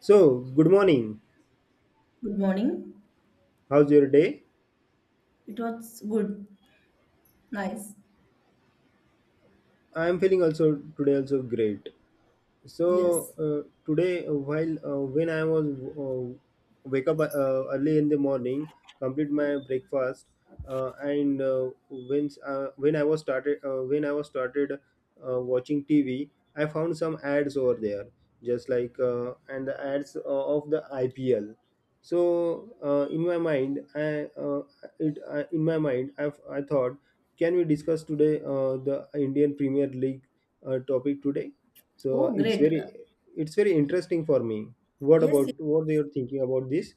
So, good morning. Good morning. How's your day? It was good. Nice. I'm feeling also today also great. Yes. Today, while when I was uh, wake up, early in the morning, complete my breakfast, and when I was started when I was started watching TV, I found some ads over there, just like and the ads of the IPL. So in my mind I it in my mind I thought, can we discuss today the Indian Premier League topic today? So Oh, great. It's very interesting for me. What Yes, yes. about what you're thinking about this?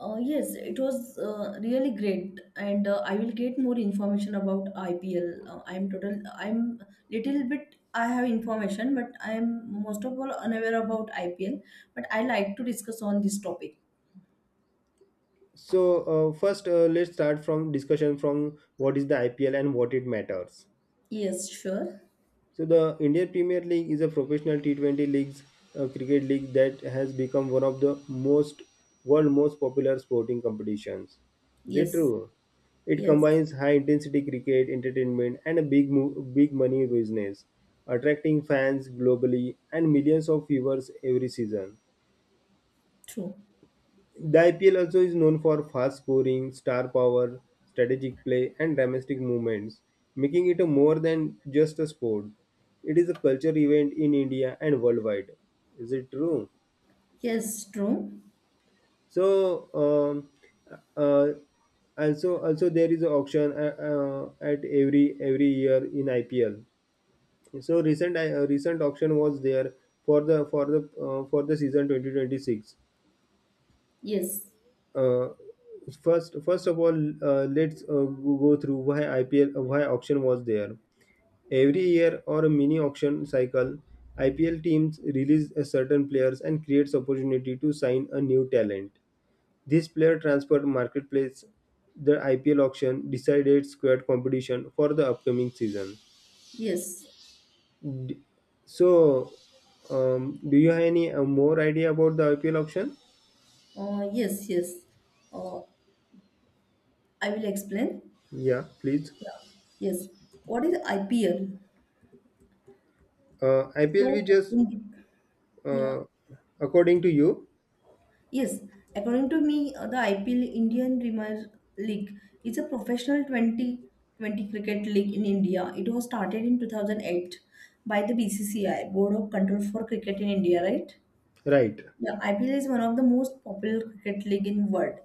Yes, it was really great, and I will get more information about IPL. I'm total. I'm little bit. I have information, but I'm most of all unaware about IPL. But I like to discuss on this topic. So first, let's start from discussion from what is the IPL and what it matters. Yes, sure. So the Indian Premier League is a professional T20 leagues, cricket league that has become one of the most world most popular sporting competitions. Is it Yes, true? It yes. combines high intensity cricket entertainment and a big money business, attracting fans globally and millions of viewers every season. True. The IPL also is known for fast scoring, star power, strategic play, and domestic movements, making it a more than just a sport. It is a culture event in India and worldwide. Is it true? Yes, true. So, um, uh, also there is an auction at every year in IPL. So recent recent auction was there for the for the season 2026. Yes, uh, First, first of all let's go through why IPL, why auction was there every year, or a mini auction cycle. IPL teams release a certain players and creates opportunity to sign a new talent. This player transfer marketplace, the IPL auction decided squad competition for the upcoming season. yes. D- so, do you have any more idea about the IPL auction? Yes, yes. Uh, I will explain. Yeah, please. Yeah. Yes. What is IPL? IPL we So, just, in, yeah, uh, according to you. yes. According to me, the IPL Indian Premier League is a professional Twenty Twenty cricket league in India. It was started in 2008 by the BCCI, Board of Control for Cricket in India, right? Right, Yeah, IPL is one of the most popular cricket league in world.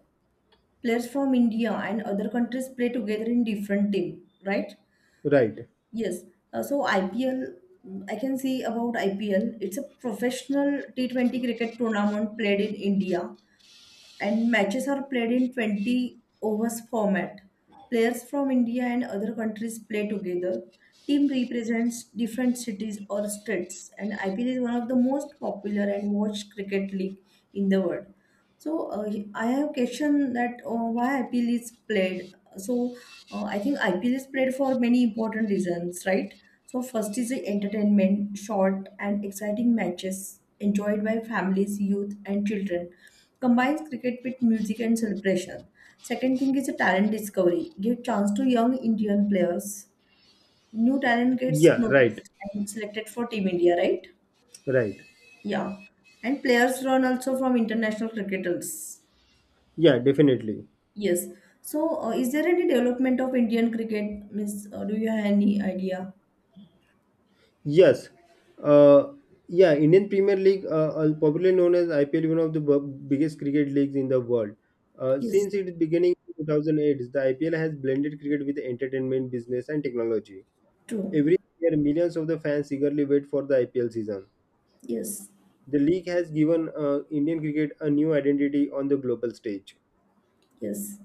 Players from India and other countries play together in different team, right? right. Yes. So IPL, mm, I can say about IPL. It's a professional T20 cricket tournament played in India and matches are played in 20 overs format. Players from India and other countries play together. Team represents different cities or states, and IPL is one of the most popular and watched cricket league in the world. So I have question that why IPL is played. So I think IPL is played for many important reasons, right? So first is the entertainment, short and exciting matches enjoyed by families, youth, and children combines cricket with music and celebration. Second thing is a talent discovery. Give chance to young Indian players. New talent gets Yeah, right, noticed and selected for Team India, right? right. Yeah. And players run also from international cricketers. Yeah, definitely. Yes. So, is there any development of Indian cricket, Miss? Do you have any idea? Yes. uh, yeah, Indian Premier League, popularly known as IPL, one of the biggest cricket leagues in the world. Yes. Since its beginning in 2008, the IPL has blended cricket with entertainment, business and technology. True. Every year millions of the fans eagerly wait for the IPL season. Yes. The league has given Indian cricket a new identity on the global stage. Yes.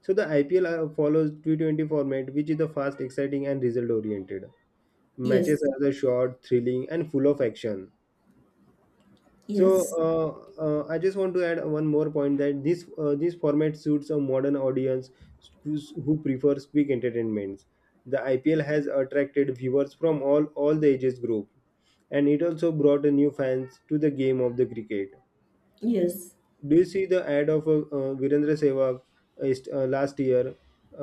So the IPL follows T20 format, which is the fast, exciting, and result-oriented. Matches Yes. are the short, thrilling, and full of action. So, Yes. I just want to add one more point that this this format suits a modern audience who prefers quick entertainments. The IPL has attracted viewers from all the ages group, and it also brought a new fans to the game of the cricket. Yes. Do you see the ad of Virendra Sehwag, last year?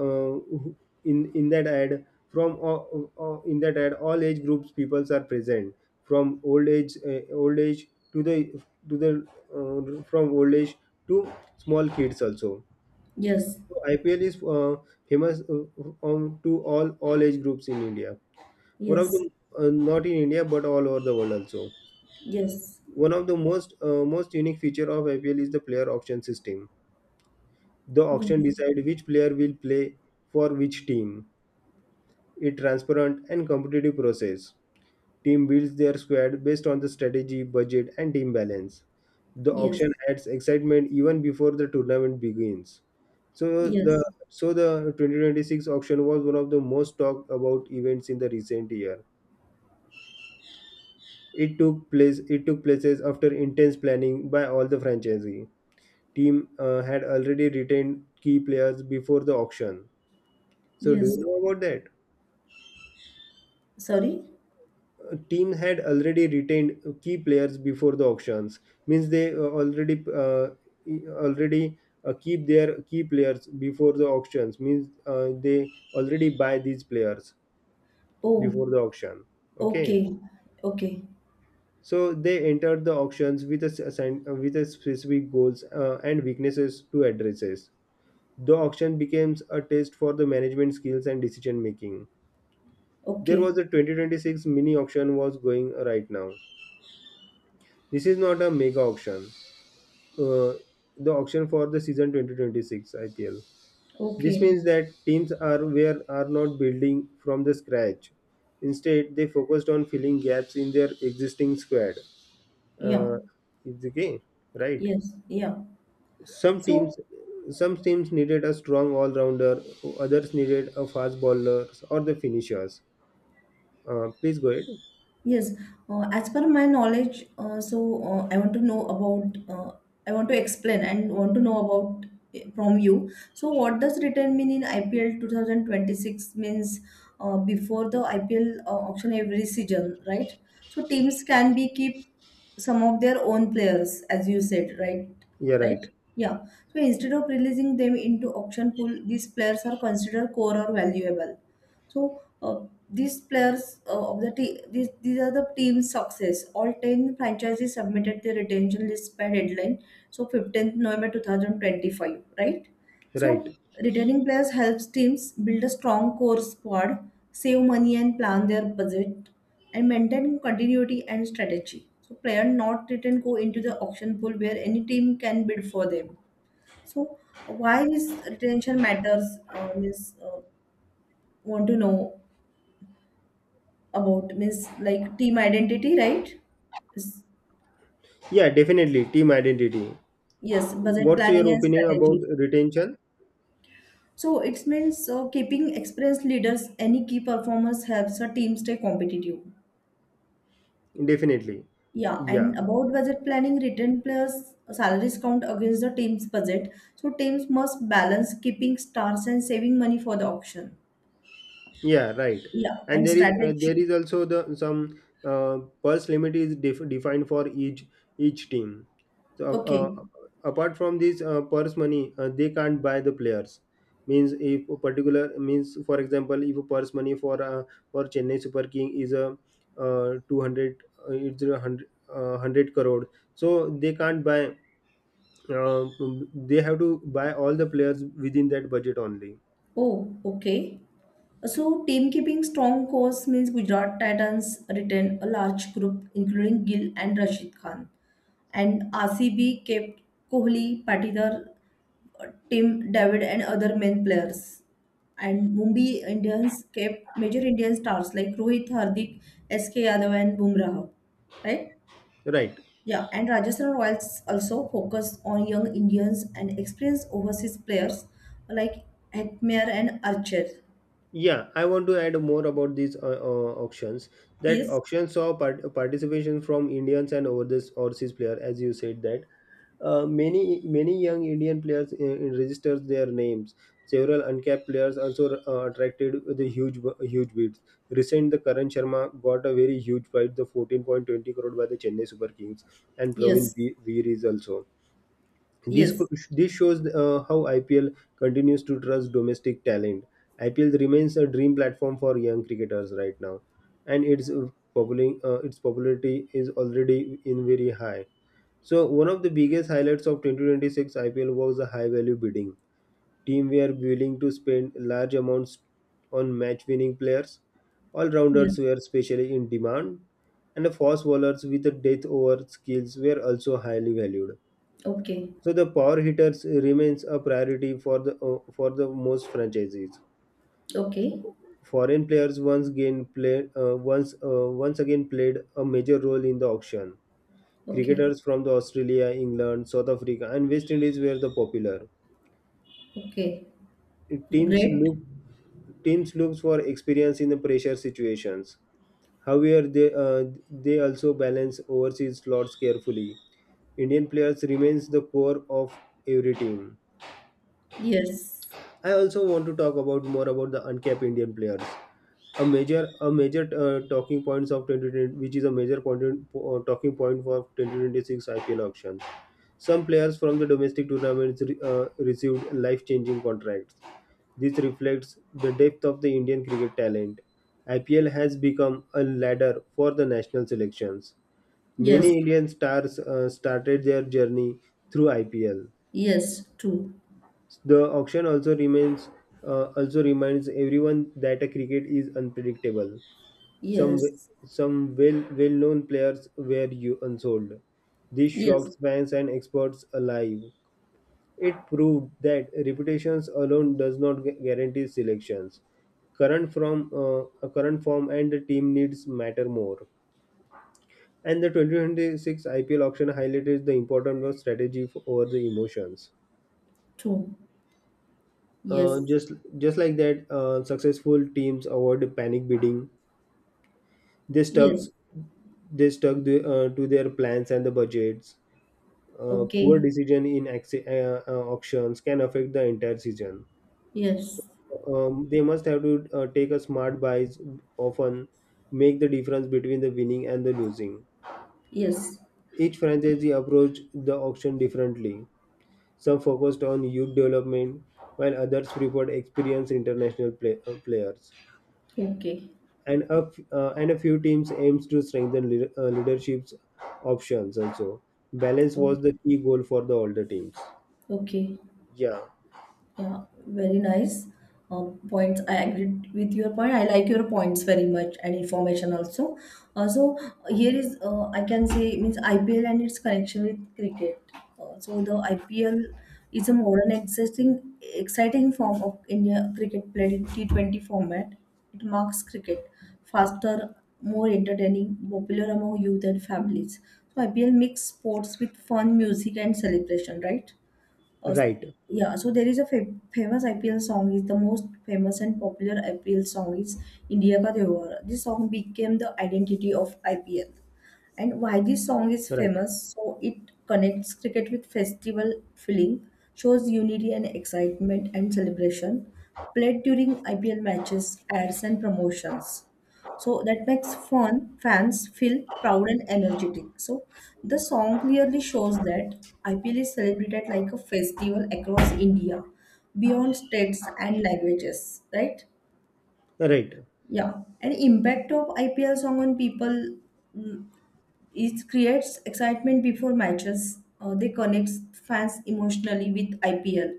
Uh, who- in that ad, from in that ad, all age groups peoples are present, from old age, to the to the from old age to small kids also. Yes. So IPL is famous on to all age groups in India. One of Yes. the, not in India but all over the world also. Yes. Yes. One of the most, most unique feature of IPL is the player auction system. The auction decide which player will play for which team. It transparent and competitive process. Team builds their squad based on the strategy, budget and team balance. The Yes. auction adds excitement even before the tournament begins. So the Yes. so the 2026 auction was one of the most talked about events in the recent year. It took place it took places after intense planning by all the franchisee. Team had already retained key players before the auction. So do you Yes. know about that? Sorry? Team had already retained key players before the auctions, means they already keep their key players before the auctions, means they already buy these players Oh, before the auction, okay? okay. Okay. So they entered the auctions with a, with a specific goals and weaknesses to addresses. The auction becomes a test for the management skills and decision making. There was Okay. a 2026 mini auction was going right now. This is not a mega auction, uh, the auction for the season 2026 IPL. This Okay. means that teams are where are not building from the scratch. Instead, they focused on filling gaps in their existing squad. Yeah. Uh, it's okay, right? Yes. Yeah. Some So, teams, some teams needed a strong all-rounder. Others needed a fast bowlers or the finishers. Please go ahead. Yes, as per my knowledge, I want to know about, I want to explain and want to know about from you. So, what does return mean in IPL 2026 means before the IPL auction every season, right? So, teams can be keep some of their own players, as you said, right? Yeah, right, Right? Yeah. So, instead of releasing them into auction pool, these players are considered core or valuable so these players of the te- these are the team's success. All ten franchises submitted their retention list by deadline, so 15th November 2025, right? So right. retaining players helps teams build a strong core squad, save money and plan their budget, and maintain continuity and strategy. So player not retained go into the auction pool where any team can bid for them. So why this retention matters? Is Want to know about means like team identity, right? Is- Yeah, definitely team identity. Yes, budget What's planning your and opinion about strategy. retention? So it means keeping experienced leaders, any key performers helps a team stay competitive. Definitely. Yeah, Yeah. and about budget planning, return plus salaries count against the team's budget. So teams must balance keeping stars and saving money for the auction. Yeah, right. Yeah, And and there strategy. is also the some pulse limit is defined for each team. So, Okay. Apart from this purse money, they can't buy the players. Means if a particular means, for example, if a purse money for Chennai Super King is a two hundred, it's a hundred hundred crore. So they can't buy. Uh, they have to buy all the players within that budget only. Oh, okay. So, team keeping strong course means Gujarat Titans retained a large group including Gill and Rashid Khan, and RCB kept Kohli, Patidar, Tim David, and other main players. And Mumbai Indians kept major Indian stars like Rohit, Hardik, SK Yadav, and Bumrah. Right? Right. Yeah, and Rajasthan Royals also focused on young Indians and experienced overseas players like Atmer and Archer. Yeah, I want to add more about these auctions. That Yes, auction saw participation from Indians and overseas player, as you said that, many young Indian players registered their names. Several uncapped players also attracted the huge bids. Recent, the Karan Sharma got a very huge price, the 14.20 crore by the Chennai Super Kings, and Praveen yes. Veer Veer is also. This, Yes, shows how IPL continues to trust domestic talent. IPL remains a dream platform for young cricketers right now, and its popularity is already in very high. So one of the biggest highlights of 2026 IPL was the high value bidding. Team were willing to spend large amounts on match winning players. All rounders yes. were especially in demand, and the fast bowlers with the death over skills were also highly valued. Okay, So the power hitters remains a priority for the, for the most franchises. okay, Foreign players once again played a major role in the auction. okay, Cricketers from the Australia, England, South Africa, and West Indies were the popular. okay. Teams Great. look Teams looks for experience in the pressure situations. However, they also balance overseas slots carefully. Indian players remains the core of every team. Yes, I also want to talk about more about the uncapped Indian players. A major talking points of 2020, which is a major point, talking point for 2026 IPL auction. Some players from the domestic tournaments received life-changing contracts. This reflects the depth of the Indian cricket talent. IPL has become a ladder for the national selections. yes, Many Indian stars started their journey through IPL. yes, true. The auction also remains Also reminds everyone that a cricket is unpredictable. Some w- Yes, some well known players were you unsold. This yes, shocked fans and experts alive. It proved that reputations alone does not guarantee selections. Current from, a current form and the team needs matter more. And the 2026 IPL auction highlighted the importance of strategy over the emotions. true. Uh, Yes, just just like that, successful teams avoid panic bidding. They stuck yes, they stuck the, to their plans and the budgets. Poor okay, decision in auctions can affect the entire season. yes, So, they must have to take a smart buys often make the difference between the winning and the losing. yes, Each franchisee approached the auction differently. Some focused on youth development, while others preferred experienced international players. okay, And a few teams aims to strengthen leadership's options also. Balance okay, was the key goal for the older teams. okay. Yeah. Yeah, very nice points. I agreed with your point. I like your points very much and information also. Also, here is I can say means IPL and its connection with cricket. So the IPL is a modern, existing, exciting form of India cricket played in T20 format. It marks cricket faster, more entertaining, popular among youth and families. So IPL mix sports with fun, music, and celebration, right? Uh, Right, yeah, so there is a famous IPL song is the most famous and popular IPL song is India Ka Dewar. This song became the identity of IPL. And why this song is right, famous? So it connects cricket with festival feeling, shows unity and excitement and celebration, played during IPL matches, ads and promotions so that makes fun fans feel proud and energetic. So the song clearly shows that IPL is celebrated like a festival across India, beyond states and languages, right? right, Yeah, and impact of IPL song on people is creates excitement before matches. They connects fans emotionally with IPL,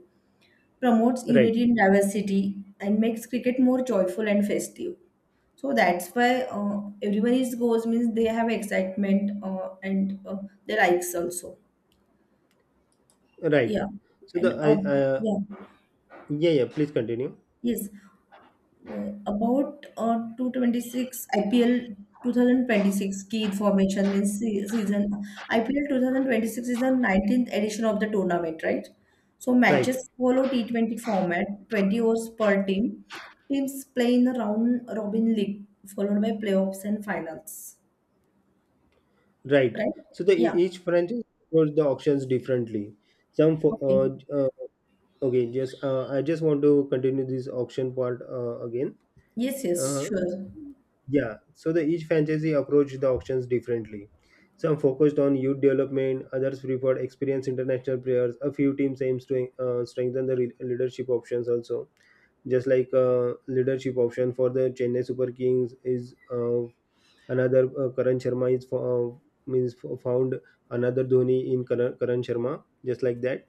promotes right, unity and diversity and makes cricket more joyful and festive. So that's why everyone is goes means they have excitement and they likes also. right. Yeah, so the and I uh, yeah, Yeah, yeah, please continue. yes. About 226 IPL 2026 key formation means season IPL 2026 is the 19th edition of the tournament, right? So Right, matches follow T20 format, 20 overs per team. Teams play in the round robin league followed by playoffs and finals, right. right? So the Yeah. each franchise approach the auctions differently. Some for Okay. Uh, okay, just I just want to continue this auction part again. Yes, yes, uh, sure. Yeah, so the each franchisee approached the auctions differently. Some focused on youth development, others preferred experienced international players. A few teams aims to strengthen the leadership options also. Just like leadership option for the Chennai Super Kings is, another, Karan Sharma is found another Dhoni in Karan, Karan Sharma. Just like that,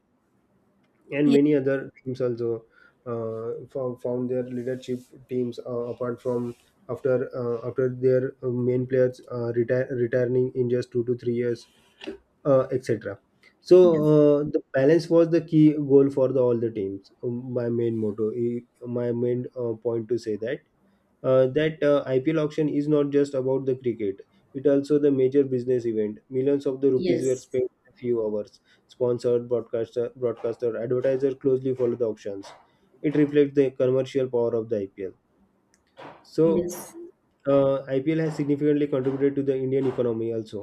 and Yes, many other teams also found their leadership. Teams apart from after after their main players retire returning in just 2 to 3 years, etc. So, yes, the balance was the key goal for the, all the teams. My main point to say that IPL auction is not just about the cricket. It also the major business event. Millions of the rupees were yes, spent in a few hours. Sponsored broadcaster, advertiser closely follow the auctions. It reflects the commercial power of the IPL. So yes, uh, IPL has significantly contributed to the Indian economy also.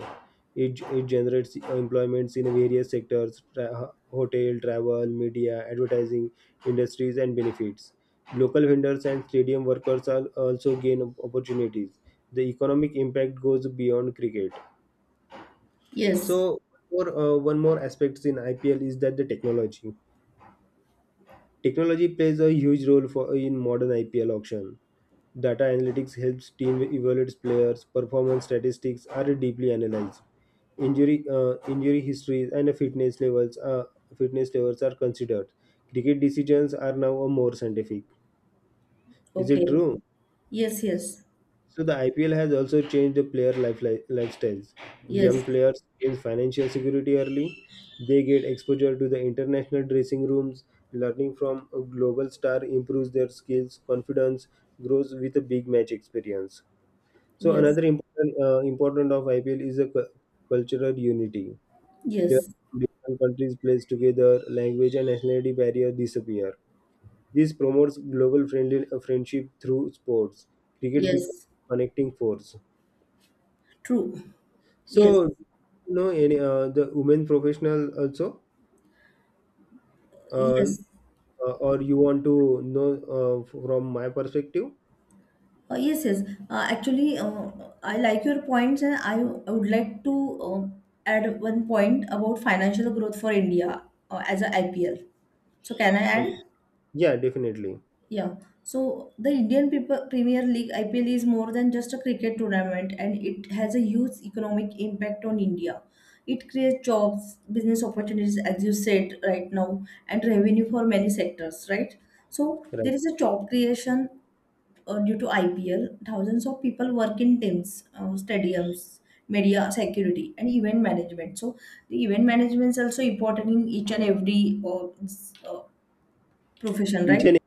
It generates employments in various sectors hotel, travel, media, advertising, industries, and benefits. Local vendors and stadium workers are also gain opportunities. The economic impact goes beyond cricket. yes. So, for, one more aspect in IPL is that the technology. Technology plays a huge role for in modern IPL auction. Data analytics helps team evaluate players' performance statistics are deeply analyzed. Injury histories and fitness levels are considered. Cricket decisions are now a more scientific. Is it Okay. true? Yes, yes, So the IPL has also changed the player lifestyles. Young yes, players gain financial security early. They get exposure to the international dressing rooms. Learning from a global star improves their skills, confidence grows with a big match experience. So yes. another important of IPL is the cultural unity. Yes, Players from different countries play together, language and nationality barriers disappear. This promotes global friendly friendship through sports. Cricket becomes yes, a connecting force. true. Yes, So, you know any the women professional also, uh, yes, or you want to know from my perspective? Yes, yes. Uh, actually, uh, I like your points, and I would like to add one point about financial growth for India as a IPL. So, can I add? Okay. Yeah, definitely. Yeah. So the Indian Premier League IPL is more than just a cricket tournament and it has a huge economic impact on India. It creates jobs, business opportunities, as you said right now, and revenue for many sectors, right? So Right. there is a job creation due to IPL. Thousands of people work in teams, stadiums, media security, and event management. So the event management is also important in each and every profession, Each right? and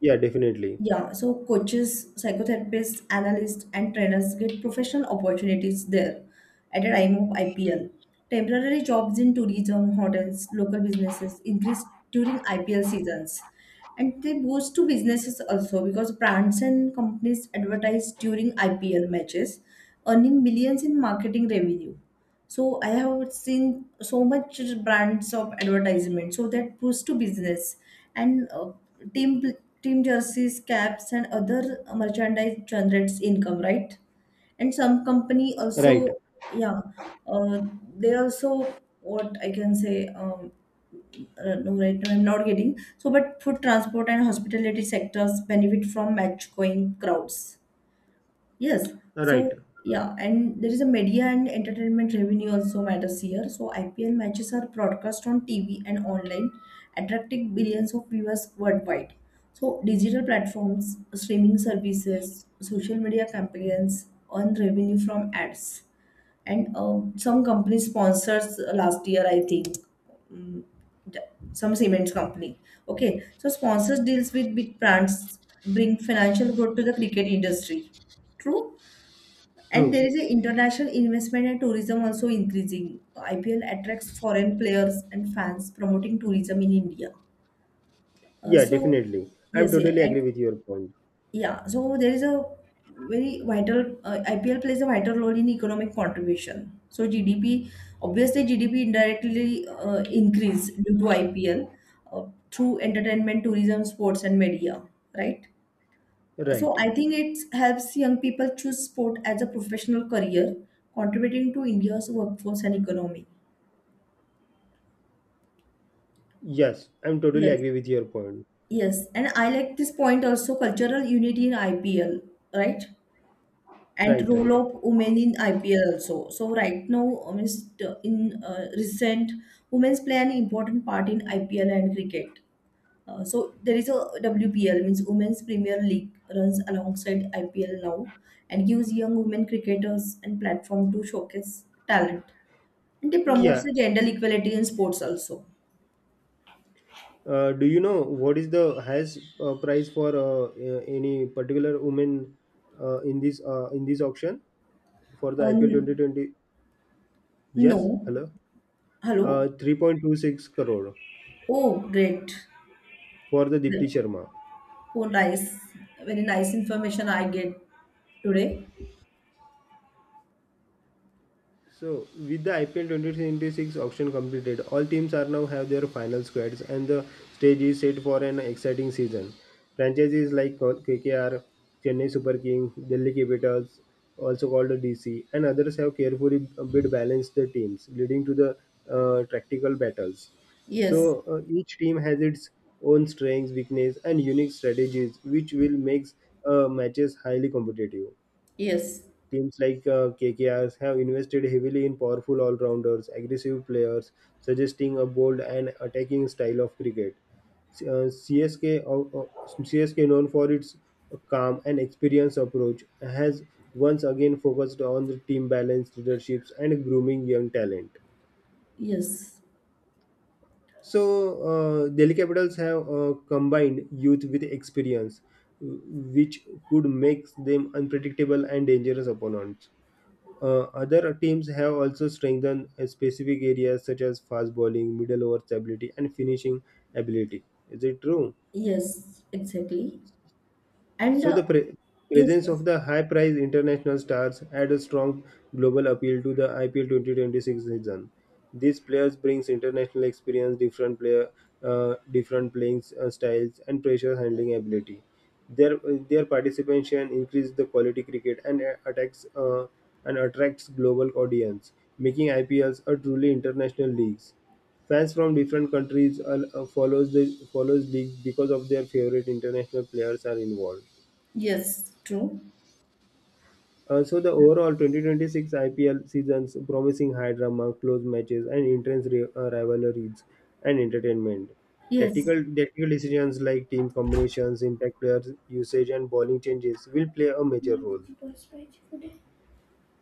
yeah, definitely. Yeah, so coaches, psychotherapists, analysts, and trainers get professional opportunities there at a time of IPL. Temporary jobs in tourism, hotels, local businesses increase during IPL seasons. And they boost to businesses also because brands and companies advertise during IPL matches, earning millions in marketing revenue. So I have seen so much brands of advertisement. So that boost to business and team team jerseys, caps, and other merchandise generates income, right? And some company Right. also, yeah, uh, they also what I can say. No, right now I'm not getting so, but food transport and hospitality sectors benefit from match going crowds. Yes. Right. So yeah, and there is a media and entertainment revenue also matters here. So IPL matches are broadcast on TV and online, attracting billions of viewers worldwide. So digital platforms, streaming services, social media campaigns earn revenue from ads, and some company sponsors last year, I think. mm, th- some cement company. Okay, so sponsors deals with big brands bring financial growth to the cricket industry. True. And True. there is a international investment and tourism also increasing. IPL attracts foreign players and fans, promoting tourism in India. Yeah, So definitely. I'm yes, yeah, totally and agree with your point. yeah, so there is a very vital IPL plays a vital role in economic contribution. So GDP, obviously GDP indirectly increase due to IPL uh, through entertainment, tourism, sports, and media, right? Right. So I think it helps young people choose sport as a professional career, contributing to India's workforce and economy. Yes, I'm totally Yes, agree with your point. yes, and I like this point also cultural unity in IPL, right? And Right, role right. of women in IPL also. So right now, is the- in recent, women play an important part in IPL and cricket. So there is a WPL means Women's Premier League runs alongside IPL now and gives young women cricketers and platform to showcase talent. And it promotes Yeah. the gender equality in sports also. Do you know what is the highest price for any particular woman in this auction for the Uh, IPL n- 2020? Yes. no. Hello. Hello? 3.26 crore Oh, great. for the Dipti Great. Sharma. Oh, nice. Very nice information I get today. So, with the IPL 2026 auction completed, all teams are now have their final squads and the stage is set for an exciting season. Franchises like KKR, Chennai Super King, Delhi Capitals, also called DC, and others have carefully bid balanced the teams, leading to the tactical battles. Yes. So, each team has its own strengths, weakness, and unique strategies, which will make matches highly competitive. Yes. Teams like KKRs have invested heavily in powerful all rounders, aggressive players, suggesting a bold and attacking style of cricket. Uh, CSK, of- of- CSK, known for its calm and experienced approach, has once again focused on the team balance, leaderships, and grooming young talent. Yes. So, Delhi Capitals have combined youth with experience, w- which could make them unpredictable and dangerous opponents. Other teams have also strengthened specific areas such as fast bowling, middle over stability, and finishing ability. Is it true? Yes. Exactly. And So the yes, presence of yes. the high-priced international stars add a strong global appeal to the IPL 2026 season. These players brings international experience, different playing styles, and pressure handling ability. Their their participation increases the quality cricket and attacks and attracts global audience, making IPLs a truly international leagues. Fans from different countries follows the follows leagues because of their favorite international players are involved. Yes. True. So the overall 2026 IPL season's promising high drama, close matches, and rivalries and entertainment. Yes. Tactical decisions like team combinations, impact players usage, and bowling changes will play a major role.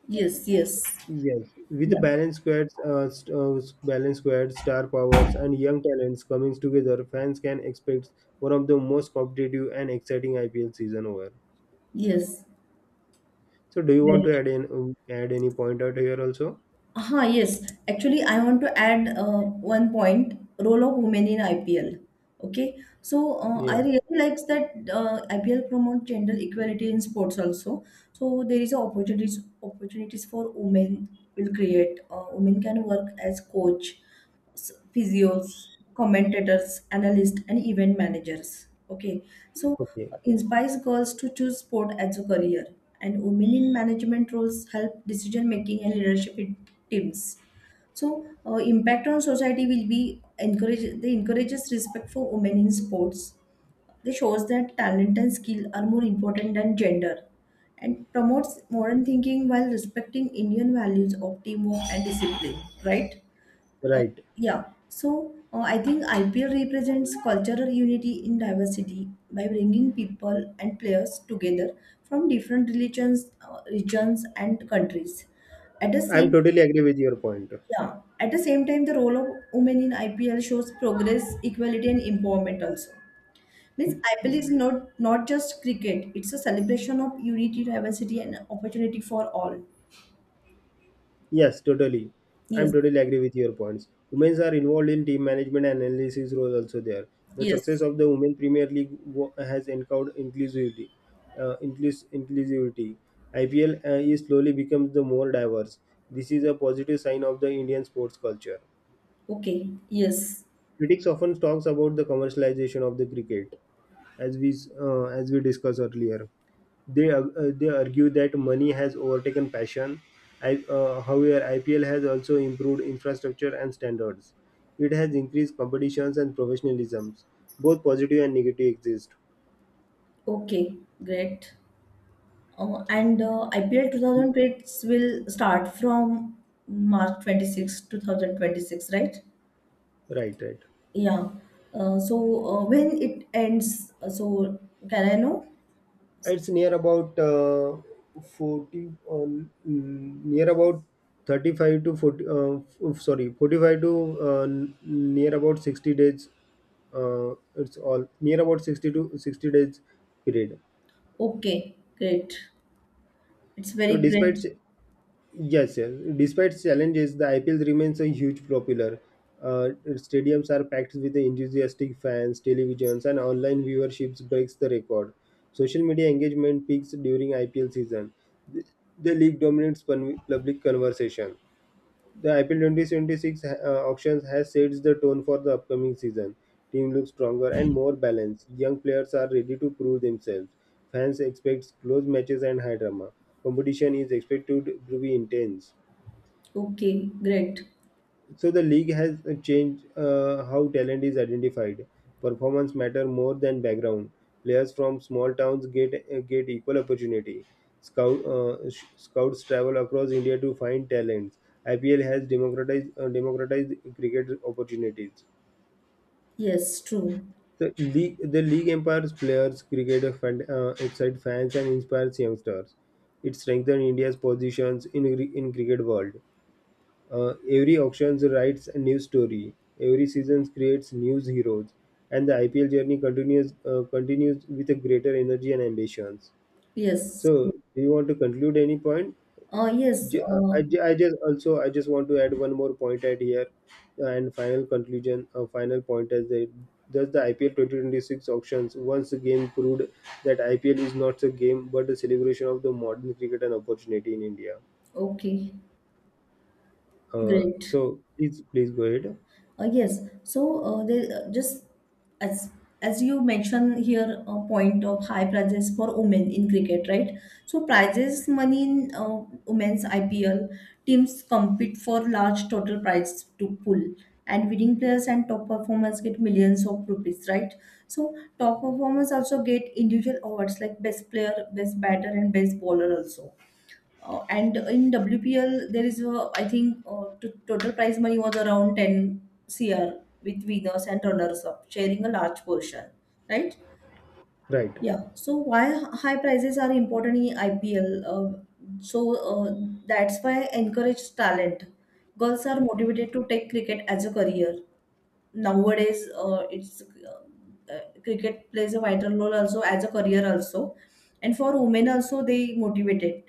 Yes, yes. Yes, with Yeah. Balanced squads, star powers, and young talents coming together, fans can expect one of the most competitive and exciting IPL season over. Yes. So, do you want Very to true. Add any point out here also? Aha, yes. Actually, I want to add one point, role of women in IPL. Okay. So I Yeah. really likes that IPL promote gender equality in sports also. So there is a opportunities for women will create. Women can work as coach physios, commentators, analysts, and event managers. Okay, so Okay. Inspires girls to choose sport as a career, and women in management roles help decision making and leadership in teams. So, impact on society will be encourage. They encourages respect for women in sports. They shows that talent and skill are more important than gender, and promotes modern thinking while respecting Indian values of teamwork and discipline. Right? Right. Yeah, so I think IPL represents cultural unity in diversity by bringing people and players together from different religions, regions, and countries. At the I'm same totally agree with your point. yeah, at the same time, the role of women in IPL shows progress, equality, and empowerment also. Means IPL is not just cricket; it's a celebration of unity, diversity, and opportunity for all. Yes, totally. I'm Yes. totally agree with your points. Women are involved in team management and analysis roles also there. The success Yes. of the Women Premier League wo- has encountered inclusivity. Inclusivity. IPL is slowly becomes the more diverse. This is a positive sign of the Indian sports culture. Okay. Yes. Critics often talks about the commercialization of the cricket, as as we discussed earlier. They argue that money has overtaken passion. However, IPL has also improved infrastructure and standards. It has increased competitions and professionalisms. Both positive and negative exist. Okay. Great. And IPL 2026 will start from March 26th, 2000 26, 2026, right? Right, right. Yeah. Uh, so when it ends, can I know? It's near about 40, near about 35 to 40. Sorry, 45 to near about 60 days. It's all near about 60 to 60 days period. Okay, great. It's So, very great. Yes, yes. Despite challenges, the IPL remains a huge popular. Stadiums are packed with enthusiastic fans, televisions, and online viewerships breaks the record. Social media engagement peaks during IPL season. The, the league dominates public conversation. The IPL 2026 auctions has sets the tone for the upcoming season. Team looks stronger and more balanced. Young players are ready to prove themselves. Fans expect close matches and high drama. Competition is expected to be intense. Okay, great. So the league has changed how talent is identified. Performance matter more than background. Players from small towns get equal opportunity. Scouts travel across India to find talents. IPL has democratized cricket opportunities. Yes, true. The league empowers players, excites fans, and inspires youngsters. It strengthens India's positions in cricket world. Every auction writes a new story. Every season creates new heroes, and the IPL journey continues with a greater energy and ambitions. Yes. So, True. do you want to conclude any point? Yes. J- I, ju- I just also I just want to add one more point at here, and final conclusion, final point as that does the IPL 2026 auctions once again proved that IPL is not a game but a celebration of the modern cricket and opportunity in India. Okay, great. So please go ahead. Yes. So they just as as you mentioned here a point of high prices for women in cricket, right? So prizes money in women's IPL teams compete for large total prize to pull, and winning players and top performers get millions of rupees, right? So top performers also get individual awards like best player, best batter, and best bowler also. And in WPL, there is, a, I think, total prize money was around 10 CR with winners and runners up, sharing a large portion, right? Right. Yeah. So why high prices are important in IPL? So uh, that's why encourage talent. Girls are motivated to take cricket as a career. Nowadays, it's cricket plays a vital role also as a career also, and for women also they motivated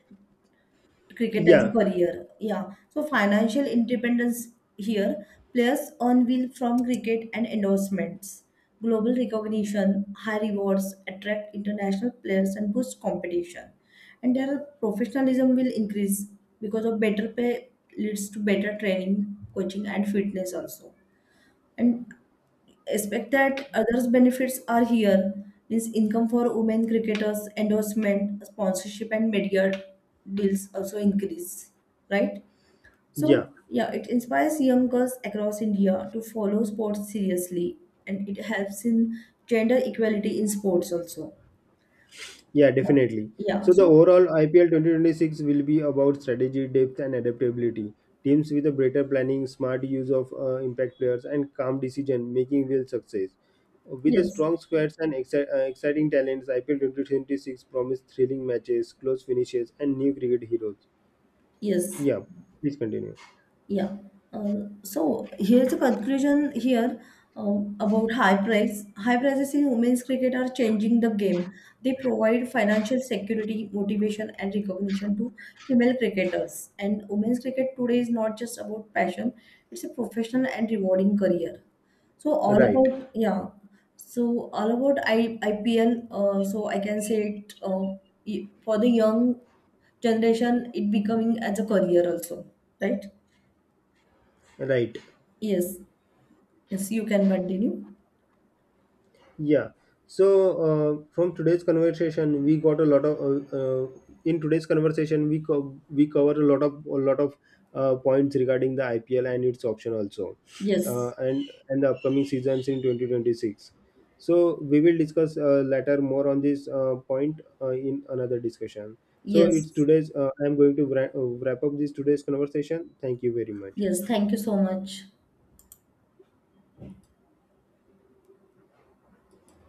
cricket as a Yeah, career. Yeah. So financial independence here, players earn will from cricket and endorsements. Global recognition, high rewards attract international players and boost competition. And their professionalism will increase because of better pay leads to better training, coaching and fitness also. And expect that others benefits are here means income for women cricketers endorsement sponsorship and media deals also increase, right? So yeah, yeah, it inspires young girls across India to follow sports seriously and it helps in gender equality in sports also. yeah, Yeah, definitely. yeah. So the So overall IPL 2026 will be about strategy, depth, and adaptability. Teams with a better planning, smart use of impact players, and calm decision making will success. With a yes, strong squads and exciting talents, IPL 2026 promise thrilling matches, close finishes, and new cricket heroes. yes. Yeah, please continue. Yeah. So here's a conclusion here uh, about high price. High prices in women's cricket are changing the game. They provide financial security, motivation, and recognition to female cricketers. And women's cricket today is not just about passion; it's a professional and rewarding career. So all Right, about yeah. So all about I IPL. I can say it for the young generation. It becoming as a career also, right? right. Yes, yes, you can continue. Yeah. So from today's conversation, we got a lot of. In today's conversation, we cover a lot of points regarding the IPL and its option also, Yes, and the upcoming seasons in 2026. So we will discuss later more on this point in another discussion. So it's yes, today's. I am going to wrap up this today's conversation. Thank you very much. yes. Thank you so much.